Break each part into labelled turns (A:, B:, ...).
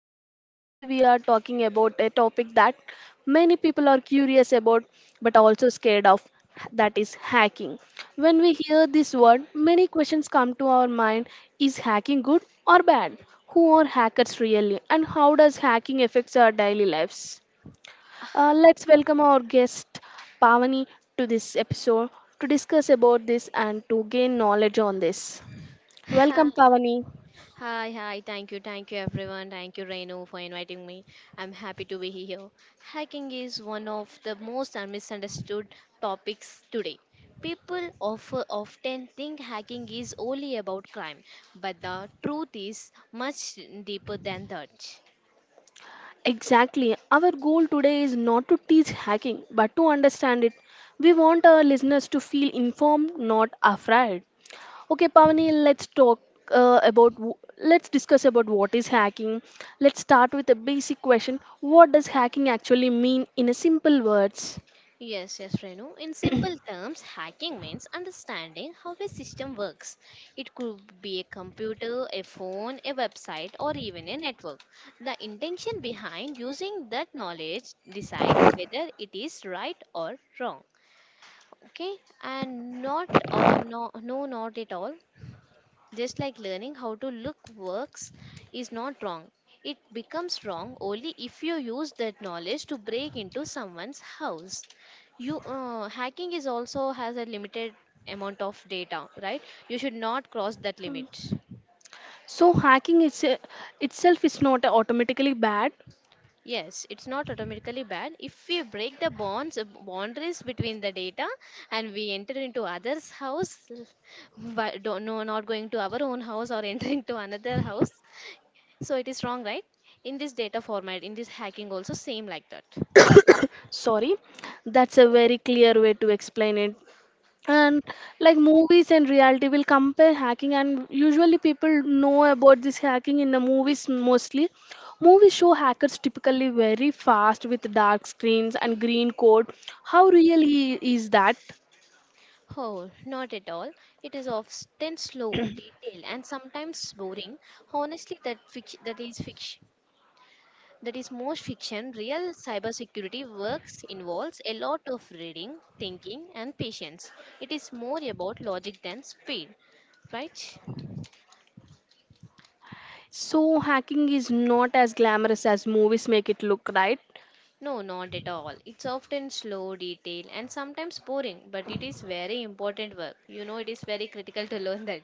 A: host, and today we are talking about a topic that many people are curious about but also scared of, that is hacking. When we hear this word, many questions come to our mind. Is hacking good or bad? Who are hackers really, and how does hacking affect our daily lives? Let's welcome our guest Pavani to this episode to discuss about this and to gain knowledge on this.
B: Hi,
A: Welcome, Pavani.
B: hi, hi. Thank you, everyone. Thank you, Renu, for inviting me. I'm happy to be here. Hiking is one of the most misunderstood topics today. People often think hiking is only about climb, but the truth is much deeper than that.
A: Exactly. Our goal today is not to teach hacking, but to understand it. We want our listeners to feel informed, not afraid. Okay, Pavani, let's talk uh, about w- let's discuss about what is hacking. Let's start with a basic question. What does hacking actually mean in a simple words?
B: Yes, yes, Renu. In simple terms, hacking means understanding how a system works. It could be a computer, a phone, a website, or even a network. The intention behind using that knowledge decides whether it is right or wrong. Okay, and not or no, no, not at all. Just like learning how to look works is not wrong. It becomes wrong only if you use that knowledge to break into someone's house. You Hacking is also has a limited amount of data, right? You should not cross that limit.
A: So hacking itself is not automatically bad.
B: Yes, it's not automatically bad. If we break the bonds, boundaries between the data, and we enter into others' house, but don't, no, not going to our own house or entering to another house, so it is wrong, right? In this data format, in this hacking also same like that.
A: Sorry, that's a very clear way to explain it. And like movies and reality will compare hacking, and usually people know about this hacking in the movies. Mostly movies show hackers typically very fast with dark screens and green code. How really is that?
B: Oh, not at all. It is often slow, detailed, and sometimes boring. Honestly, that is fiction. That is most fiction. Real cybersecurity works involves a lot of reading, thinking, and patience. It is more about logic than speed, right?
A: So hacking is not as glamorous as movies make it look, right?
B: No, not at all. It's often slow, detailed, and sometimes boring, but it is very important work. You know, it is very critical to learn that.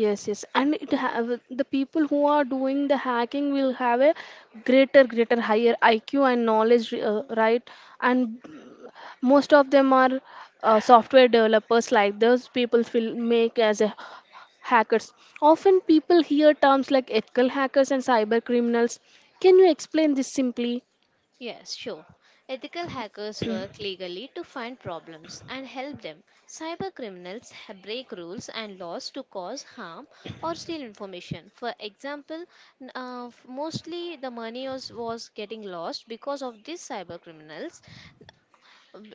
A: Yes, yes. And it have the people who are doing the hacking will have a greater higher IQ and knowledge, right. And most of them are software developers. Like those people will make as a hackers. Often people hear terms like ethical hackers and cyber criminals. Can you explain this simply?
B: Yes, sure. Ethical hackers work legally to find problems and help them. Cyber criminals break rules and laws to cause harm or steal information. For example, mostly the money was getting lost because of these cyber criminals.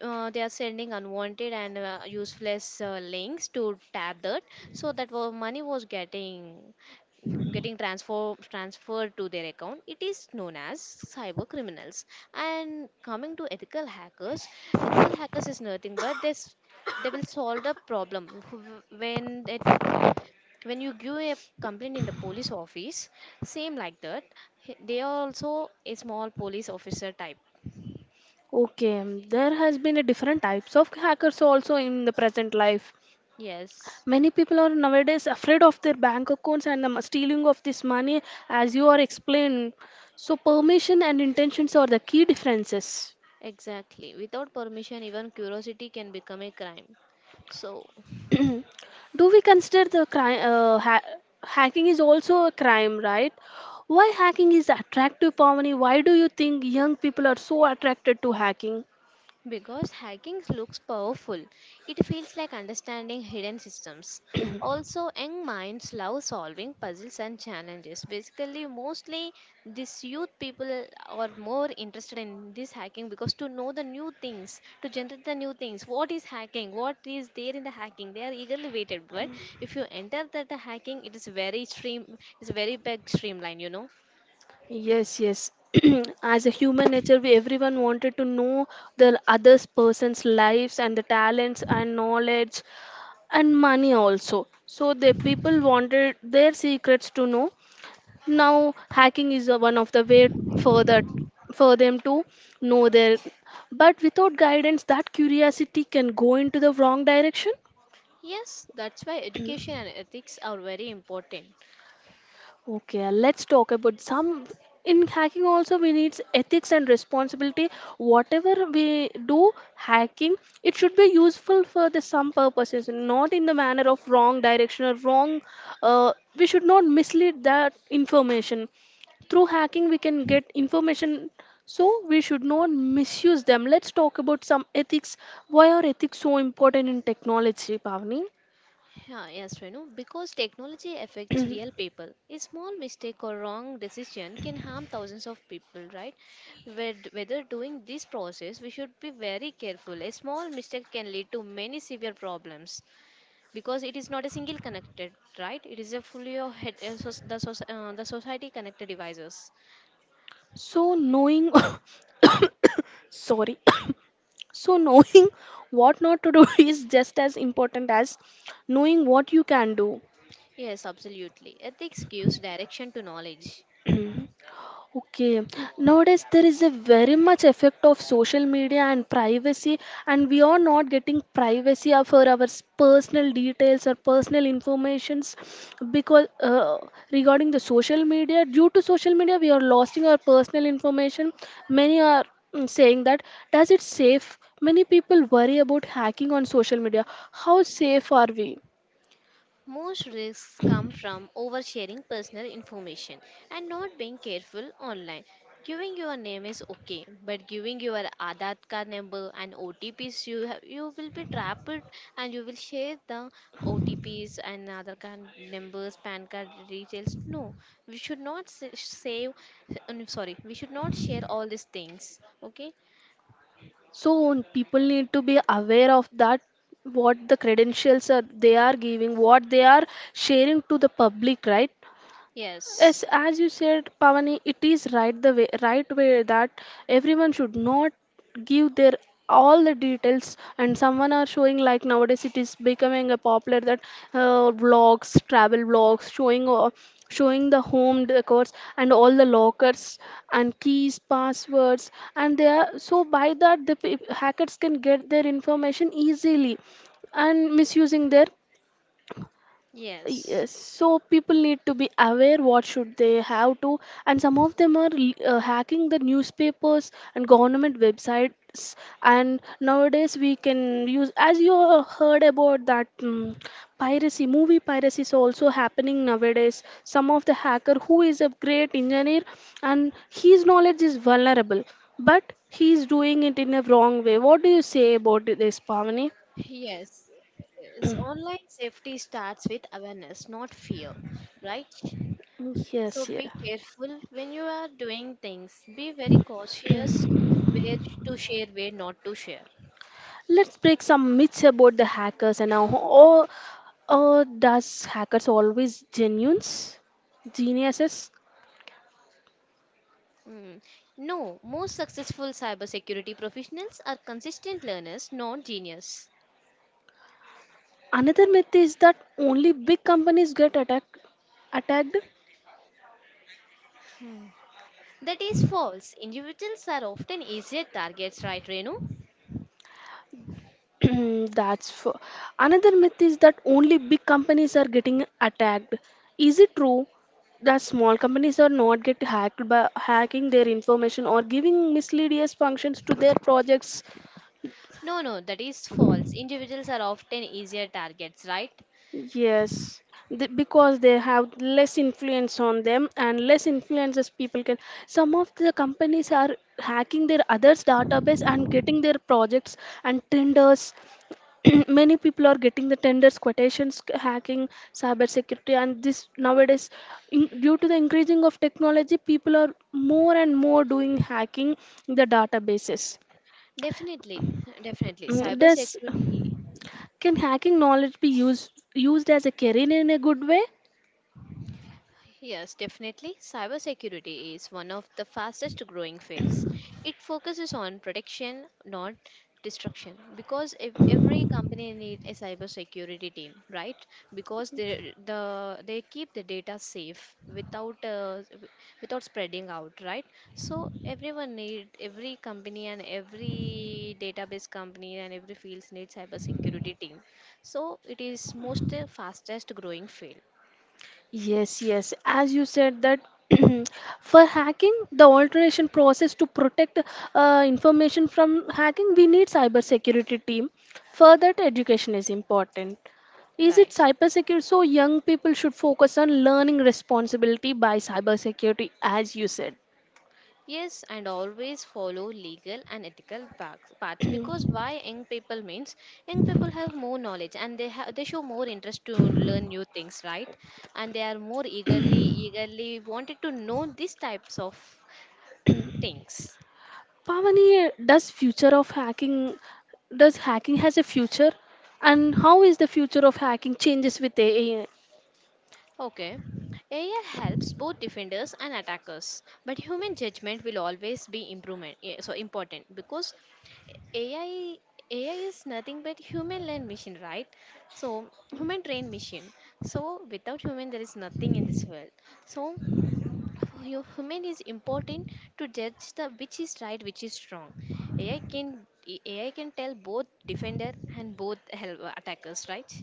B: They are sending unwanted and useless links to tab that, so that money was getting getting transferred to their account. It is known as cyber criminals, and coming to ethical hackers, ethical hackers is nothing but this. They will solve the problem. When it, when you give a complaint in the police office, same like that, they are also a small police officer type.
A: Okay. There has been a different types of hackers also in the present life.
B: Yes,
A: Many people are nowadays afraid of their bank accounts and the stealing of this money, as you are explained. So permission and intentions are the key differences.
B: exactly, without permission even curiosity can become a crime, so.
A: Do we consider the crime? Hacking is also a crime, right? Why hacking is attractive, Pavani? Why do you think young people are so attracted to hacking?
B: Because hacking looks powerful, it feels like understanding hidden systems. Also, young minds love solving puzzles and challenges. Basically, mostly these youth people are more interested in this hacking because to know the new things, to generate the new things. What is hacking? What is there in the hacking? They are eagerly waited. But if you enter that the hacking, it is very stream, it's very big streamline. You know.
A: Yes, yes. As a human nature, we everyone wanted to know the others person's lives and the talents and knowledge and money also. So the people wanted their secrets to know. Now hacking is a one of the way for that, for them to know their, but without guidance that curiosity can go into the wrong direction.
B: Yes, that's why education and ethics are very important.
A: Okay, let's talk about some. In hacking, also, we need ethics and responsibility. Whatever we do, hacking, it should be useful for the some purposes, not in the manner of wrong direction or wrong. We should not mislead that information. Through hacking, we can get information, so we should not misuse them. Let's talk about some ethics. Why are ethics so important in technology, Pavni?
B: Yeah, yes, Renu, because technology affects real people. A small mistake or wrong decision can harm thousands of people, right? Whether doing this process, we should be very careful. A small mistake can lead to many severe problems because it is not a single connected, right? It is a fully of head, the society connected devices.
A: So, knowing. Sorry. So, knowing what not to do is just as important as knowing what you can do.
B: Yes, absolutely. Ethics gives direction to knowledge.
A: Okay. Nowadays, there is a very much effect of social media and privacy, and we are not getting privacy for our personal details or personal informations, because regarding the social media, due to social media, we are losing our personal information. Many are saying that, does it safe? Many people worry about hacking on social media. How safe are we?
B: Most risks come from oversharing personal information and not being careful online. Giving your name is okay, but giving your Aadhaar card number and OTPs, you will be trapped and you will share the OTPs and Aadhaar card numbers, PAN card details. No, we should not sa- save. No, Sorry, we should not share all these things. Okay?
A: So people need to be aware of that, what the credentials are they are giving, what they are sharing to the public, right? Yes,
B: Yes.
A: as you said, Pavani, it is right the way, right way, that everyone should not give their all the details. And someone are showing, like nowadays it is becoming a popular that vlogs travel vlogs showing, showing the home decors and all the lockers and keys passwords, and they are so by that the hackers can get their information easily and misusing their. Yes,
B: Yes.
A: yes, so people need to be aware what should they have to. And some of them are hacking the newspapers and government websites, and nowadays we can use, as you heard about that, piracy, movie piracy is also happening nowadays. Some of the hacker who is a great engineer and his knowledge is vulnerable, but he is doing it in a wrong way. What do you say about this, Pavani?
B: Yes, is online safety starts with awareness, not fear, right? So
A: Yes, yeah.
B: be careful when you are doing things. Be very cautious where to share, where not to share.
A: Let's break some myths about the hackers and now. Oh, oh, does hackers always genuines, geniuses?
B: Hmm. No, most successful cybersecurity professionals are consistent learners, not genius.
A: Another myth is that only big companies get attacked. Attacked.
B: Hmm. That is false. Individuals are often easier targets, right, Renu?
A: That's for, another myth is that only big companies are getting attacked. Is it true that small companies are not get hacked by hacking their information or giving misleading functions to their projects?
B: No, no, that is false. Individuals are often easier targets, right?
A: Yes, th because they have less influence on them and less influences people can. Some of the companies are hacking their others' database and getting their projects and tenders. Many people are getting the tenders, quotations, hacking, cyber security, and this nowadays, in, due to the increasing of technology, people are more and more doing hacking the databases.
B: Definitely, definitely.
A: Mm, does
B: Cybersecurity,
A: can hacking knowledge be used as a career in a good way?
B: yes, definitely. Cybersecurity is one of the fastest growing fields. It focuses on protection, not destruction, because if every company needs a cybersecurity team, right? Because they keep the data safe without without spreading out, right? So everyone need every company and every database company and every fields need cybersecurity team. So it is most fastest growing field.
A: Yes, yes. As you said that, for hacking, the alteration process to protect information from hacking, we need cybersecurity team. For that, education is important. Is it
B: Right.
A: cybersecurity? So young people should focus on learning responsibility by cybersecurity, as you said.
B: Yes, and always follow legal and ethical paths, because why young people means young people have more knowledge and they show more interest to learn new things, right? And they are more eagerly wanted to know these types of things.
A: Pavani, does future of hacking, does hacking has a future, and how is the future of hacking changes with AI?
B: Okay. AI helps both defenders and attackers, but human judgment will always be improvement, so important because AI AI is nothing but human learned machine, right? So human trained machine. So without human, there is nothing in this world. So for human is important to judge the which is right, which is wrong. AI can AI can tell both defender and both help attackers, right?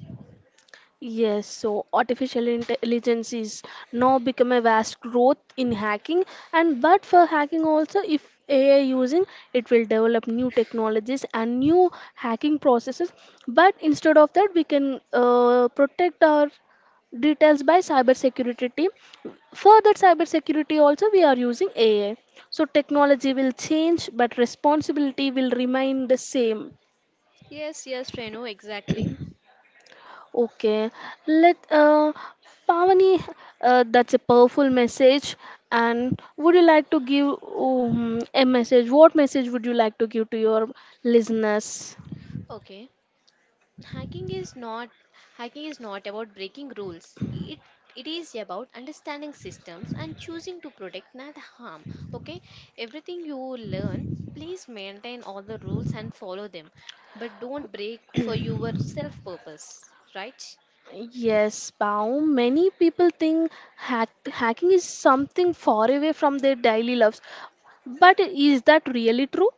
A: Yes, so artificial intelligence is now become a vast growth in hacking, and but for hacking also if AI using, it will develop new technologies and new hacking processes. But instead of that, we can protect our details by cybersecurity team. For that cybersecurity also we are using AI. So technology will change but responsibility will remain the same.
B: Yes, yes, Renu, exactly.
A: Okay, let Pavani, that's a powerful message. And would you like to give a message? What message would you like to give to your listeners?
B: Okay. Hacking is not hacking is not about breaking rules. It is about understanding systems and choosing to protect, not harm. Okay, everything you learn, please maintain all the rules and follow them, but don't break for your self purpose. Right?
A: Yes, Pao. Many people think hacking is something far away from their daily lives, but is that really true?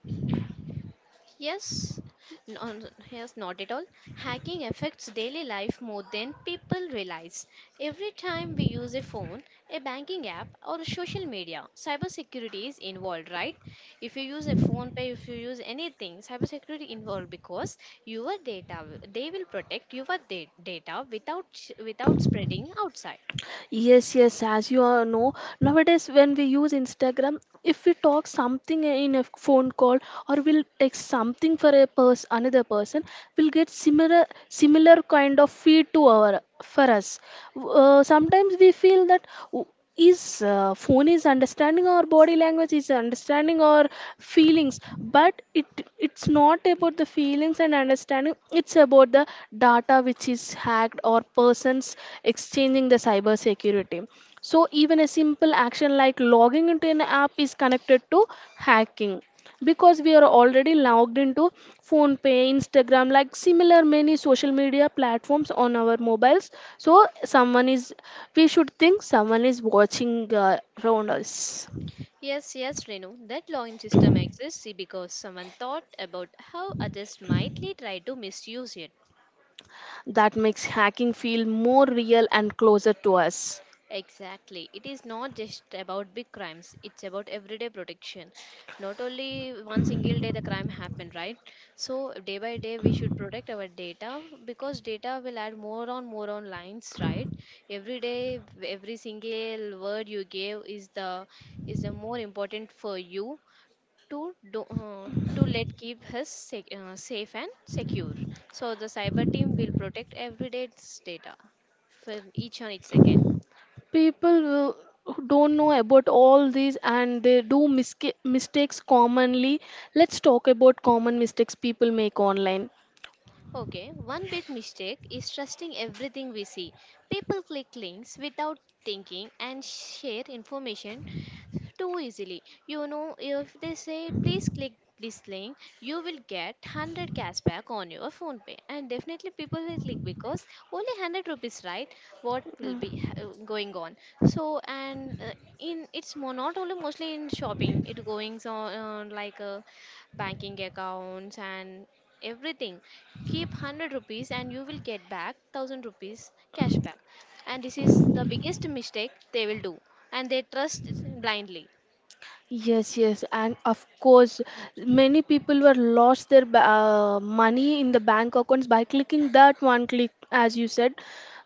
B: Yes, no, no, yes, not at all. Hacking affects daily life more than people realize. Every time we use a phone, a banking app, or social media, cybersecurity is involved, right? If you use a phone pay, if you use anything, cybersecurity involved because your data, they will protect your data without without spreading outside.
A: Yes, yes, as you all know, nowadays when we use Instagram, if we talk something in a phone call or we'll text something for a person, another person, we'll get similar kind of feed to our for us. Sometimes we feel that is phone is understanding our body language, is understanding our feelings, but it, it's not about the feelings and understanding, it's about the data which is hacked or persons exchanging the cyber security. So even a simple action like logging into an app is connected to hacking, because we are already logged into phone pay, Instagram, like similar many social media platforms on our mobiles. So someone is, we should think someone is watching around us.
B: Yes, yes, Renu, that login system exists because someone thought about how others might try to misuse it.
A: That makes hacking feel more real and closer to us.
B: Exactly. It is not just about big crimes, it's about everyday protection. Not only one single day the crime happened, right? So day by day we should protect our data because data will add more on more on lines, right? Every day every single word you gave is the more important for you to do, to let keep us safe and secure. So the cyber team will protect every day's data for each on each second.
A: People who don't know about all these and they do mistakes commonly. Let's talk about common mistakes people make online.
B: Okay, one big mistake is trusting everything we see. People click links without thinking and share information too easily. You know, if they say please click this link, you will get 100 cashback on your phone pay, and definitely people will click because only 100 rupees, right? What will be going on? So and in it's more not only mostly in shopping it goings on, like banking accounts and everything. Keep 100 rupees and you will get back 1,000 rupees cashback, and this is the biggest mistake they will do, and they trust blindly.
A: Yes, yes, and of course, many people were lost their money in the bank accounts by clicking that one click, as you said.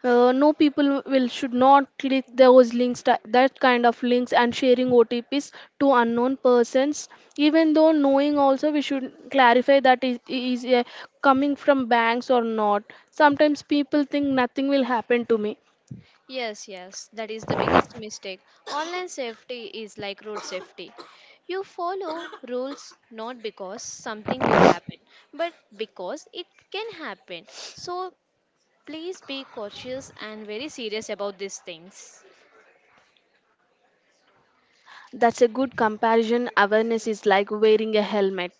A: No people will should not click those links, that kind of links, and sharing OTPs to unknown persons. Even though knowing, also we should clarify that is coming from banks or not. Sometimes people think nothing will happen to me.
B: Yes, yes, that is the biggest mistake. Online safety is like road safety. You follow rules, not because something will happen, but because it can happen. So please be cautious and very serious about these things.
A: That's a good comparison. Awareness is like wearing a helmet.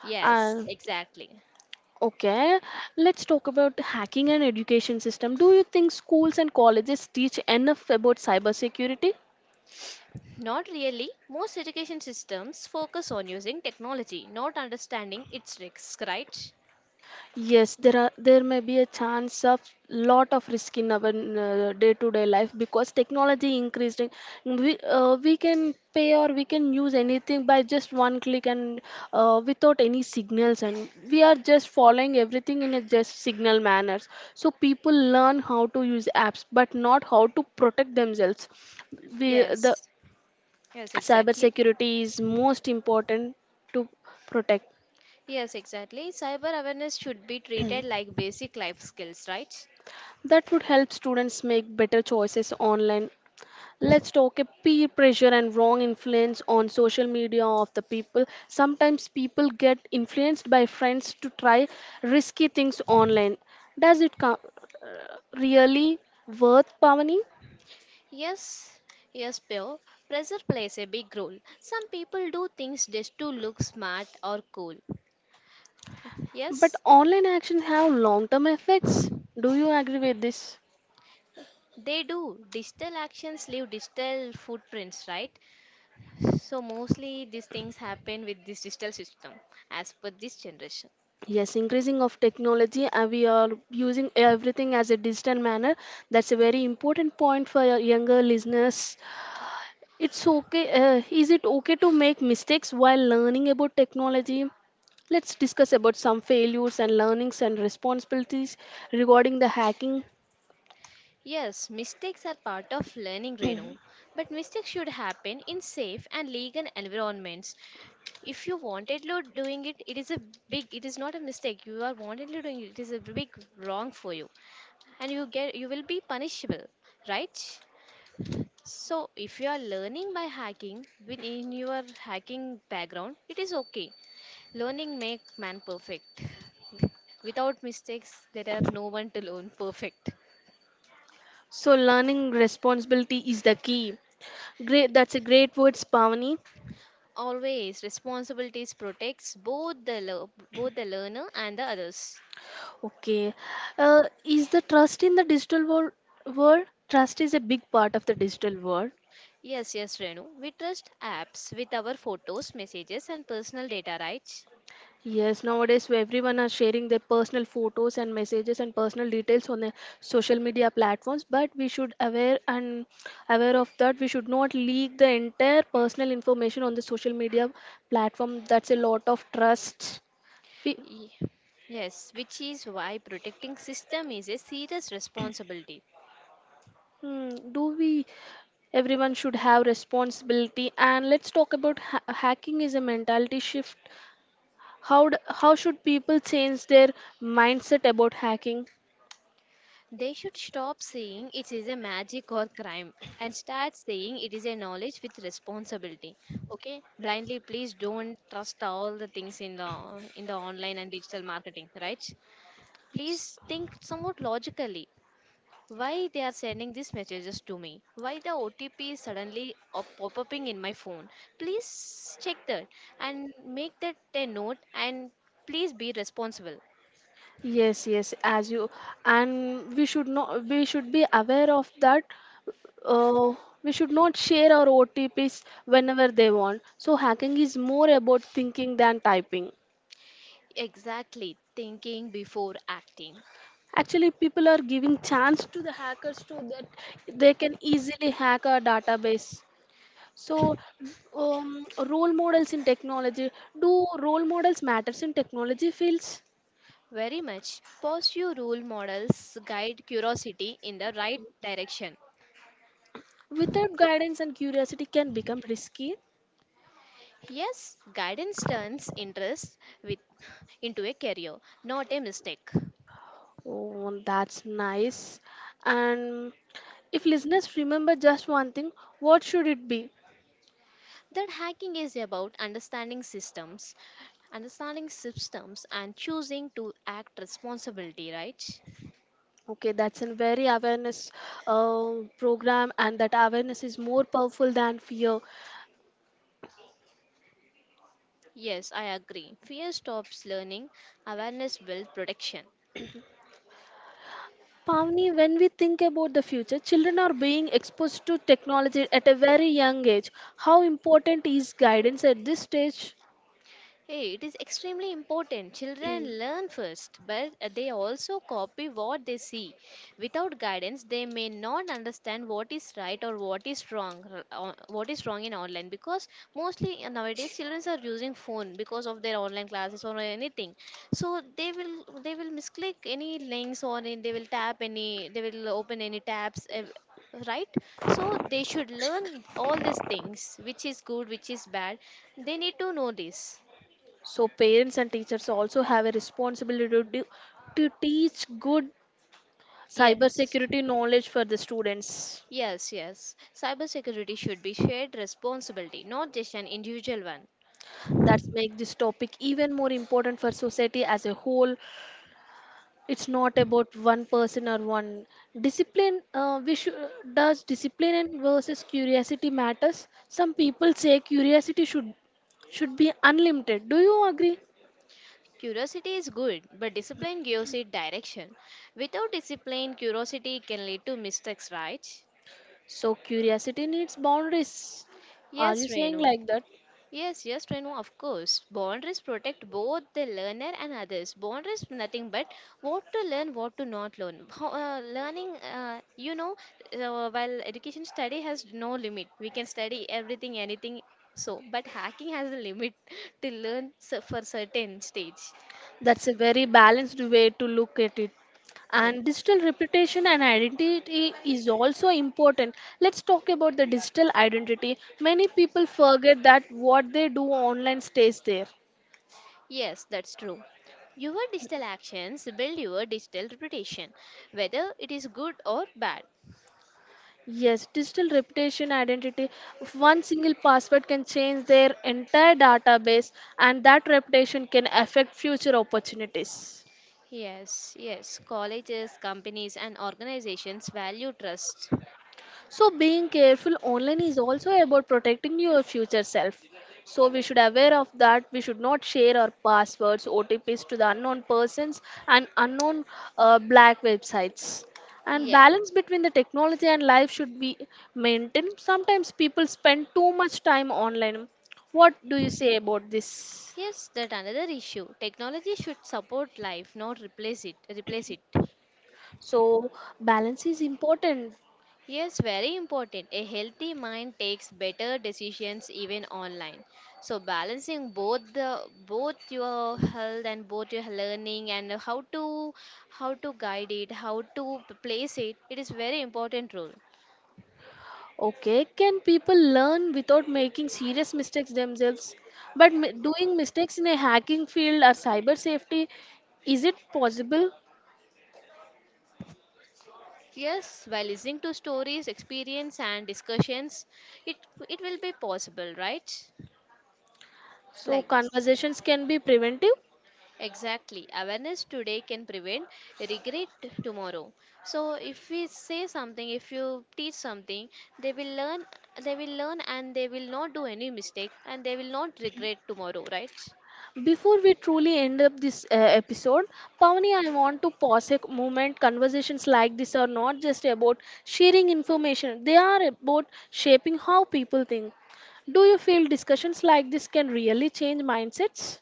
B: Yes,
A: And
B: exactly.
A: okay, let's talk about hacking and education system. Do you think schools and colleges teach enough about cybersecurity?
B: Not really. Most education systems focus on using technology, not understanding its risks, right?
A: Yes, there are there may be a chance of lot of risk in our day-to-day life because technology increasing. We can pay or we can use anything by just one click, and without any signals, and we are just following everything in a just signal manners. So people learn how to use apps, but not how to protect themselves. We
B: Yes.
A: the
B: Yes, exactly.
A: cybersecurity is most important to protect.
B: Yes, exactly. Cyber awareness should be treated like basic life skills, right?
A: That would help students make better choices online. Let's talk a peer pressure and wrong influence on social media of the people. Sometimes people get influenced by friends to try risky things online. Does it really worth, Pavani?
B: Yes, yes, Bill. Pressure plays a big role. Some people do things just to look smart or cool.
A: But
B: Yes,
A: online actions have long-term effects. Do you agree with this?
B: they do. Digital actions leave digital footprints, right? So, mostly these things happen with this digital system as per this generation.
A: Yes, increasing of technology and we are using everything as a digital manner. That's a very important point for your younger listeners. It's okay. Is it okay to make mistakes while learning about technology? Let's discuss about some failures and learnings and responsibilities regarding the hacking.
B: Yes, mistakes are part of learning, Renu. But mistakes should happen in safe and legal environments. If you wantedly doing it, it is not a mistake. You are wantedly doing it, it is a big wrong for you, and you get you will be punishable, right? So if you are learning by hacking within your hacking background, it is okay. Learning make man perfect. Without mistakes there are no one to learn perfect.
A: So, learning responsibility is the key. Great, that's a great word, Spavani.
B: Always responsibilities protects both the both the learner and the others.
A: Okay, is the trust in the digital world? World trust is a big part of the digital world.
B: Yes, yes, Renu, we trust apps with our photos, messages, and personal data, right?
A: Yes, nowadays where everyone are sharing their personal photos and messages and personal details on the social media platforms, but we should aware and aware of that. We should not leak the entire personal information on the social media platform. That's a lot of trust. We,
B: Ye- Yes, which is why protecting system is a serious responsibility.
A: do we? Everyone should have responsibility. And let's talk about hacking is a mentality shift. How how should people change their mindset about hacking?
B: They should stop saying it is a magic or crime and start saying it is a knowledge with responsibility. Okay, blindly please don't trust all the things in the online and digital marketing, right? Please think somewhat logically. Why they are sending these messages to me? Why the OTP is suddenly pop-upping in my phone? Please check that and make that a note, and please be responsible.
A: Yes, yes, as you and we should not we should be aware of that. Uh, we should not share our OTPs whenever they want. So hacking is more about thinking than typing.
B: Exactly, thinking before acting.
A: Actually, people are giving chance to the hackers to that they can easily hack our database. So, Role models in technology. Do role models matters in technology fields?
B: Very much pursue role models guide curiosity in the right direction.
A: Without guidance and curiosity can become risky.
B: Yes, guidance turns interest with into a career, not a mistake.
A: Oh, that's nice. And if listeners remember just one thing, what should it be?
B: That hacking is about understanding systems and choosing to act responsibility, right?
A: Okay, that's a very awareness uh, program, and that awareness is more powerful than fear.
B: Yes, I agree. Fear stops learning. Awareness builds protection.
A: Pavni, when we think about the future, children are being exposed to technology at a very young age. How important is guidance at this stage?
B: Hey, it is extremely important. Children learn first, but they also copy what they see. Without guidance, they may not understand what is right or what is wrong, what is wrong in online. Because mostly nowadays, children are using phone because of their online classes or anything. So they will misclick any links or they will tap any they will open any tabs. Right, so they should learn all these things, which is good, which is bad. They need to know this.
A: So parents and teachers also have a responsibility to teach good
B: Yes,
A: cybersecurity knowledge for the students.
B: yes, yes. Cybersecurity should be shared responsibility, not just an individual one.
A: That make this topic even more important for society as a whole. It's not about one person or one discipline. Does discipline and versus curiosity matters? Some people say curiosity should be unlimited. Do you agree?
B: Curiosity is good, but discipline gives it direction. Without discipline, curiosity can lead to mistakes, right?
A: So curiosity needs boundaries. Are
B: Yes,
A: you saying
B: Renu.
A: like that?
B: Yes, yes, Renu, of course. Boundaries protect both the learner and others. Boundaries nothing but what to learn, what to not learn. While education study has no limit, we can study everything, anything. So, but hacking has a limit to learn for certain stage.
A: That's a very balanced way to look at it. And
B: Yes,
A: digital reputation and identity is also important. Let's talk about the digital identity. Many people forget that what they do online stays there.
B: yes, that's true. Your digital actions build your digital reputation, whether it is good or bad.
A: Yes, digital reputation identity. One single password can change their entire database, and that reputation can affect future opportunities.
B: Yes, yes. Colleges, companies, and organizations value trust.
A: So being careful online is also about protecting your future self. So we should aware of that. We should not share our passwords, OTPs to the unknown persons and unknown black websites. And
B: Yeah.
A: balance between the technology and life should be maintained. Sometimes people spend too much time online. What do you say about this?
B: Yes, that another issue. Technology should support life, not replace it. Replace it.
A: So balance is important.
B: Yes, very important. A healthy mind takes better decisions even online. So balancing both the both your health and both your learning and how to guide it, how to place it, it is very important role.
A: Okay, can people learn without making serious mistakes themselves? But doing mistakes in a hacking field or cyber safety, is it possible?
B: Yes, by listening to stories, experience and discussions, it it will be possible, right?
A: So,
B: Like this.
A: conversations can be preventive.
B: Exactly. Awareness today can prevent regret tomorrow. So if we say something, if you teach something, they will learn they will learn and they will not do any mistake and they will not regret tomorrow, right?
A: Before we truly end up this episode, Pavani, I want to pause a moment. Conversations like this are not just about sharing information, they are about shaping how people think. Do you feel discussions like this can really change mindsets?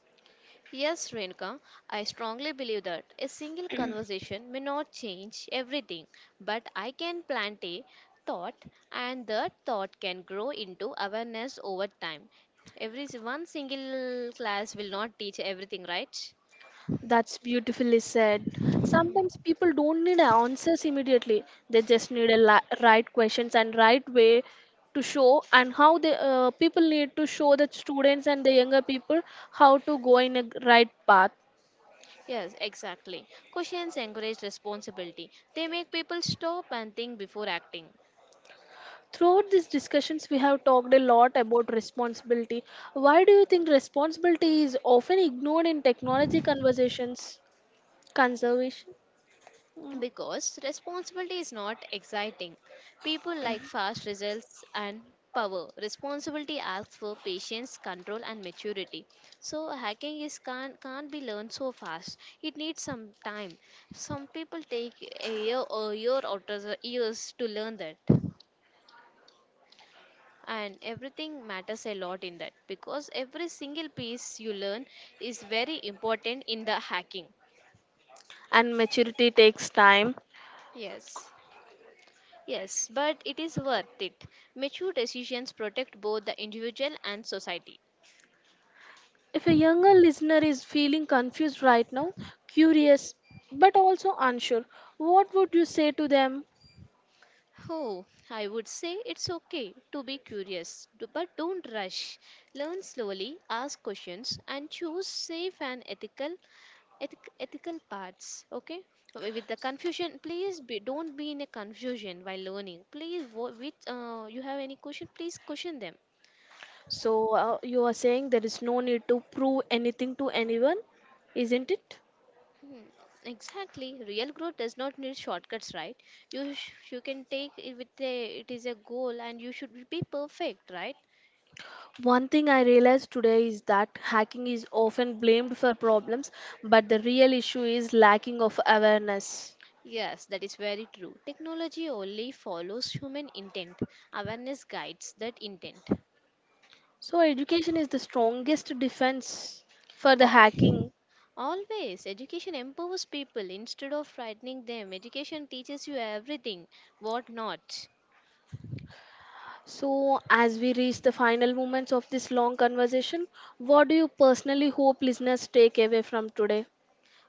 B: Yes, Renka, I strongly believe that a single conversation may not change everything, but I can plant a thought and that thought can grow into awareness over time. Every one single class will not teach everything, right?
A: That's beautifully said. Sometimes people don't need answers immediately. They just need a right questions and right way to show and how the people need to show the students and the younger people how to go in a right path.
B: Yes, exactly. Questions encourage responsibility. They make people stop and think before acting.
A: Throughout these discussions, we have talked a lot about responsibility. Why do you think responsibility is often ignored in technology conversations? Conservation
B: Because responsibility is not exciting. People like fast results and power. Responsibility asks for patience, control, and maturity. So, hacking is can't be learned so fast. It needs some time. Some people take a year or year or 2 years to learn that. And everything matters a lot in that because every single piece you learn is very important in the hacking.
A: and maturity takes time.
B: Yes, yes, but it is worth it. Mature decisions protect both the individual and society.
A: If a younger listener is feeling confused right now, curious, but also unsure, what would you say to them?
B: Oh, I would say it's okay to be curious, but don't rush. Learn slowly, ask questions, and choose safe and ethical ethical parts, okay. With the confusion please be, don't be in a confusion while learning, please wo- with you have any question please question them.
A: So, you are saying there is no need to prove anything to anyone, isn't it?
B: Hmm. Exactly, real growth does not need shortcuts, right? You you can take it with a it is a goal and you should be perfect, right?
A: One thing I realized today is that hacking is often blamed for problems, but the real issue is lacking of awareness.
B: Yes, that is very true. Technology only follows human intent. Awareness guides that intent.
A: So, education is the strongest defense for the hacking.
B: Always, education empowers people instead of frightening them. Education teaches you everything, what not.
A: So, as we reach the final moments of this long conversation, what do you personally hope listeners take away from today?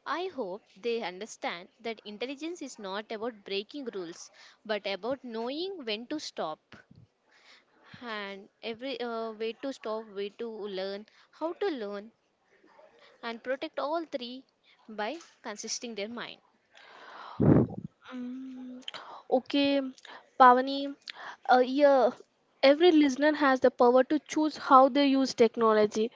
B: I hope they understand that intelligence is not about breaking rules, but about knowing when to stop and every way to stop, way to learn, how to learn, and protect all three by consisting their mind.
A: Mm, okay, Pavani, yeah, every listener has the power to choose how they use technology.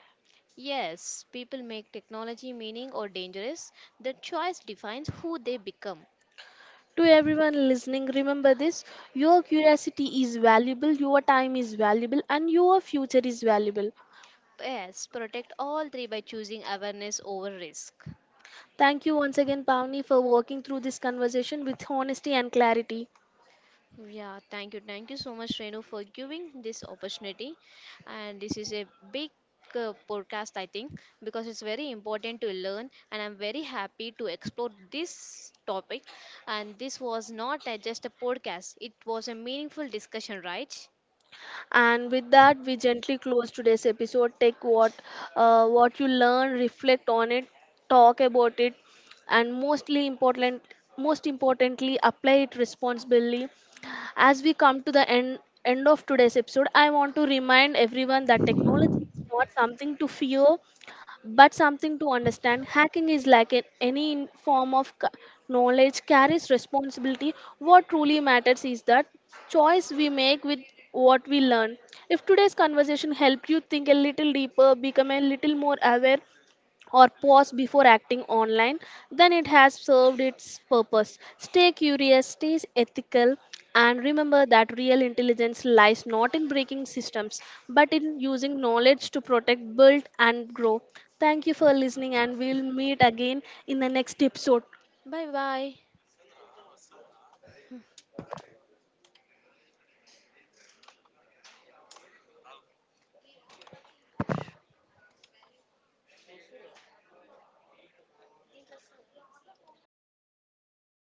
B: Yes, people make technology meaning or dangerous. The choice defines who they become.
A: To everyone listening, remember this: your curiosity is valuable, your time is valuable, and your future is valuable.
B: Yes, protect all three by choosing awareness over risk.
A: Thank you once again, Pavani, for walking through this conversation with honesty and clarity.
B: Yeah, thank you. Thank you so much, Renu, for giving this opportunity. And this is a big podcast, I think, because it's very important to learn. And I'm very happy to explore this topic. And this was not just a podcast, it was a meaningful discussion, right?
A: And with that, we gently close today's episode. Take what you learn, reflect on it, talk about it, and most importantly apply it responsibly as we come to the end of today's episode. I want to remind everyone that technology is not something to fear but something to understand. Hacking is like an, any in- form of c- knowledge carries responsibility. What truly matters is that choice we make with what we learn. If today's conversation helped you think a little deeper, become a little more aware, or pause before acting online, then it has served its purpose. Stay curious, stay ethical, and remember that real intelligence lies not in breaking systems but in using knowledge to protect, build, and grow. Thank you for listening, and we'll meet again in the next episode.
B: Bye bye.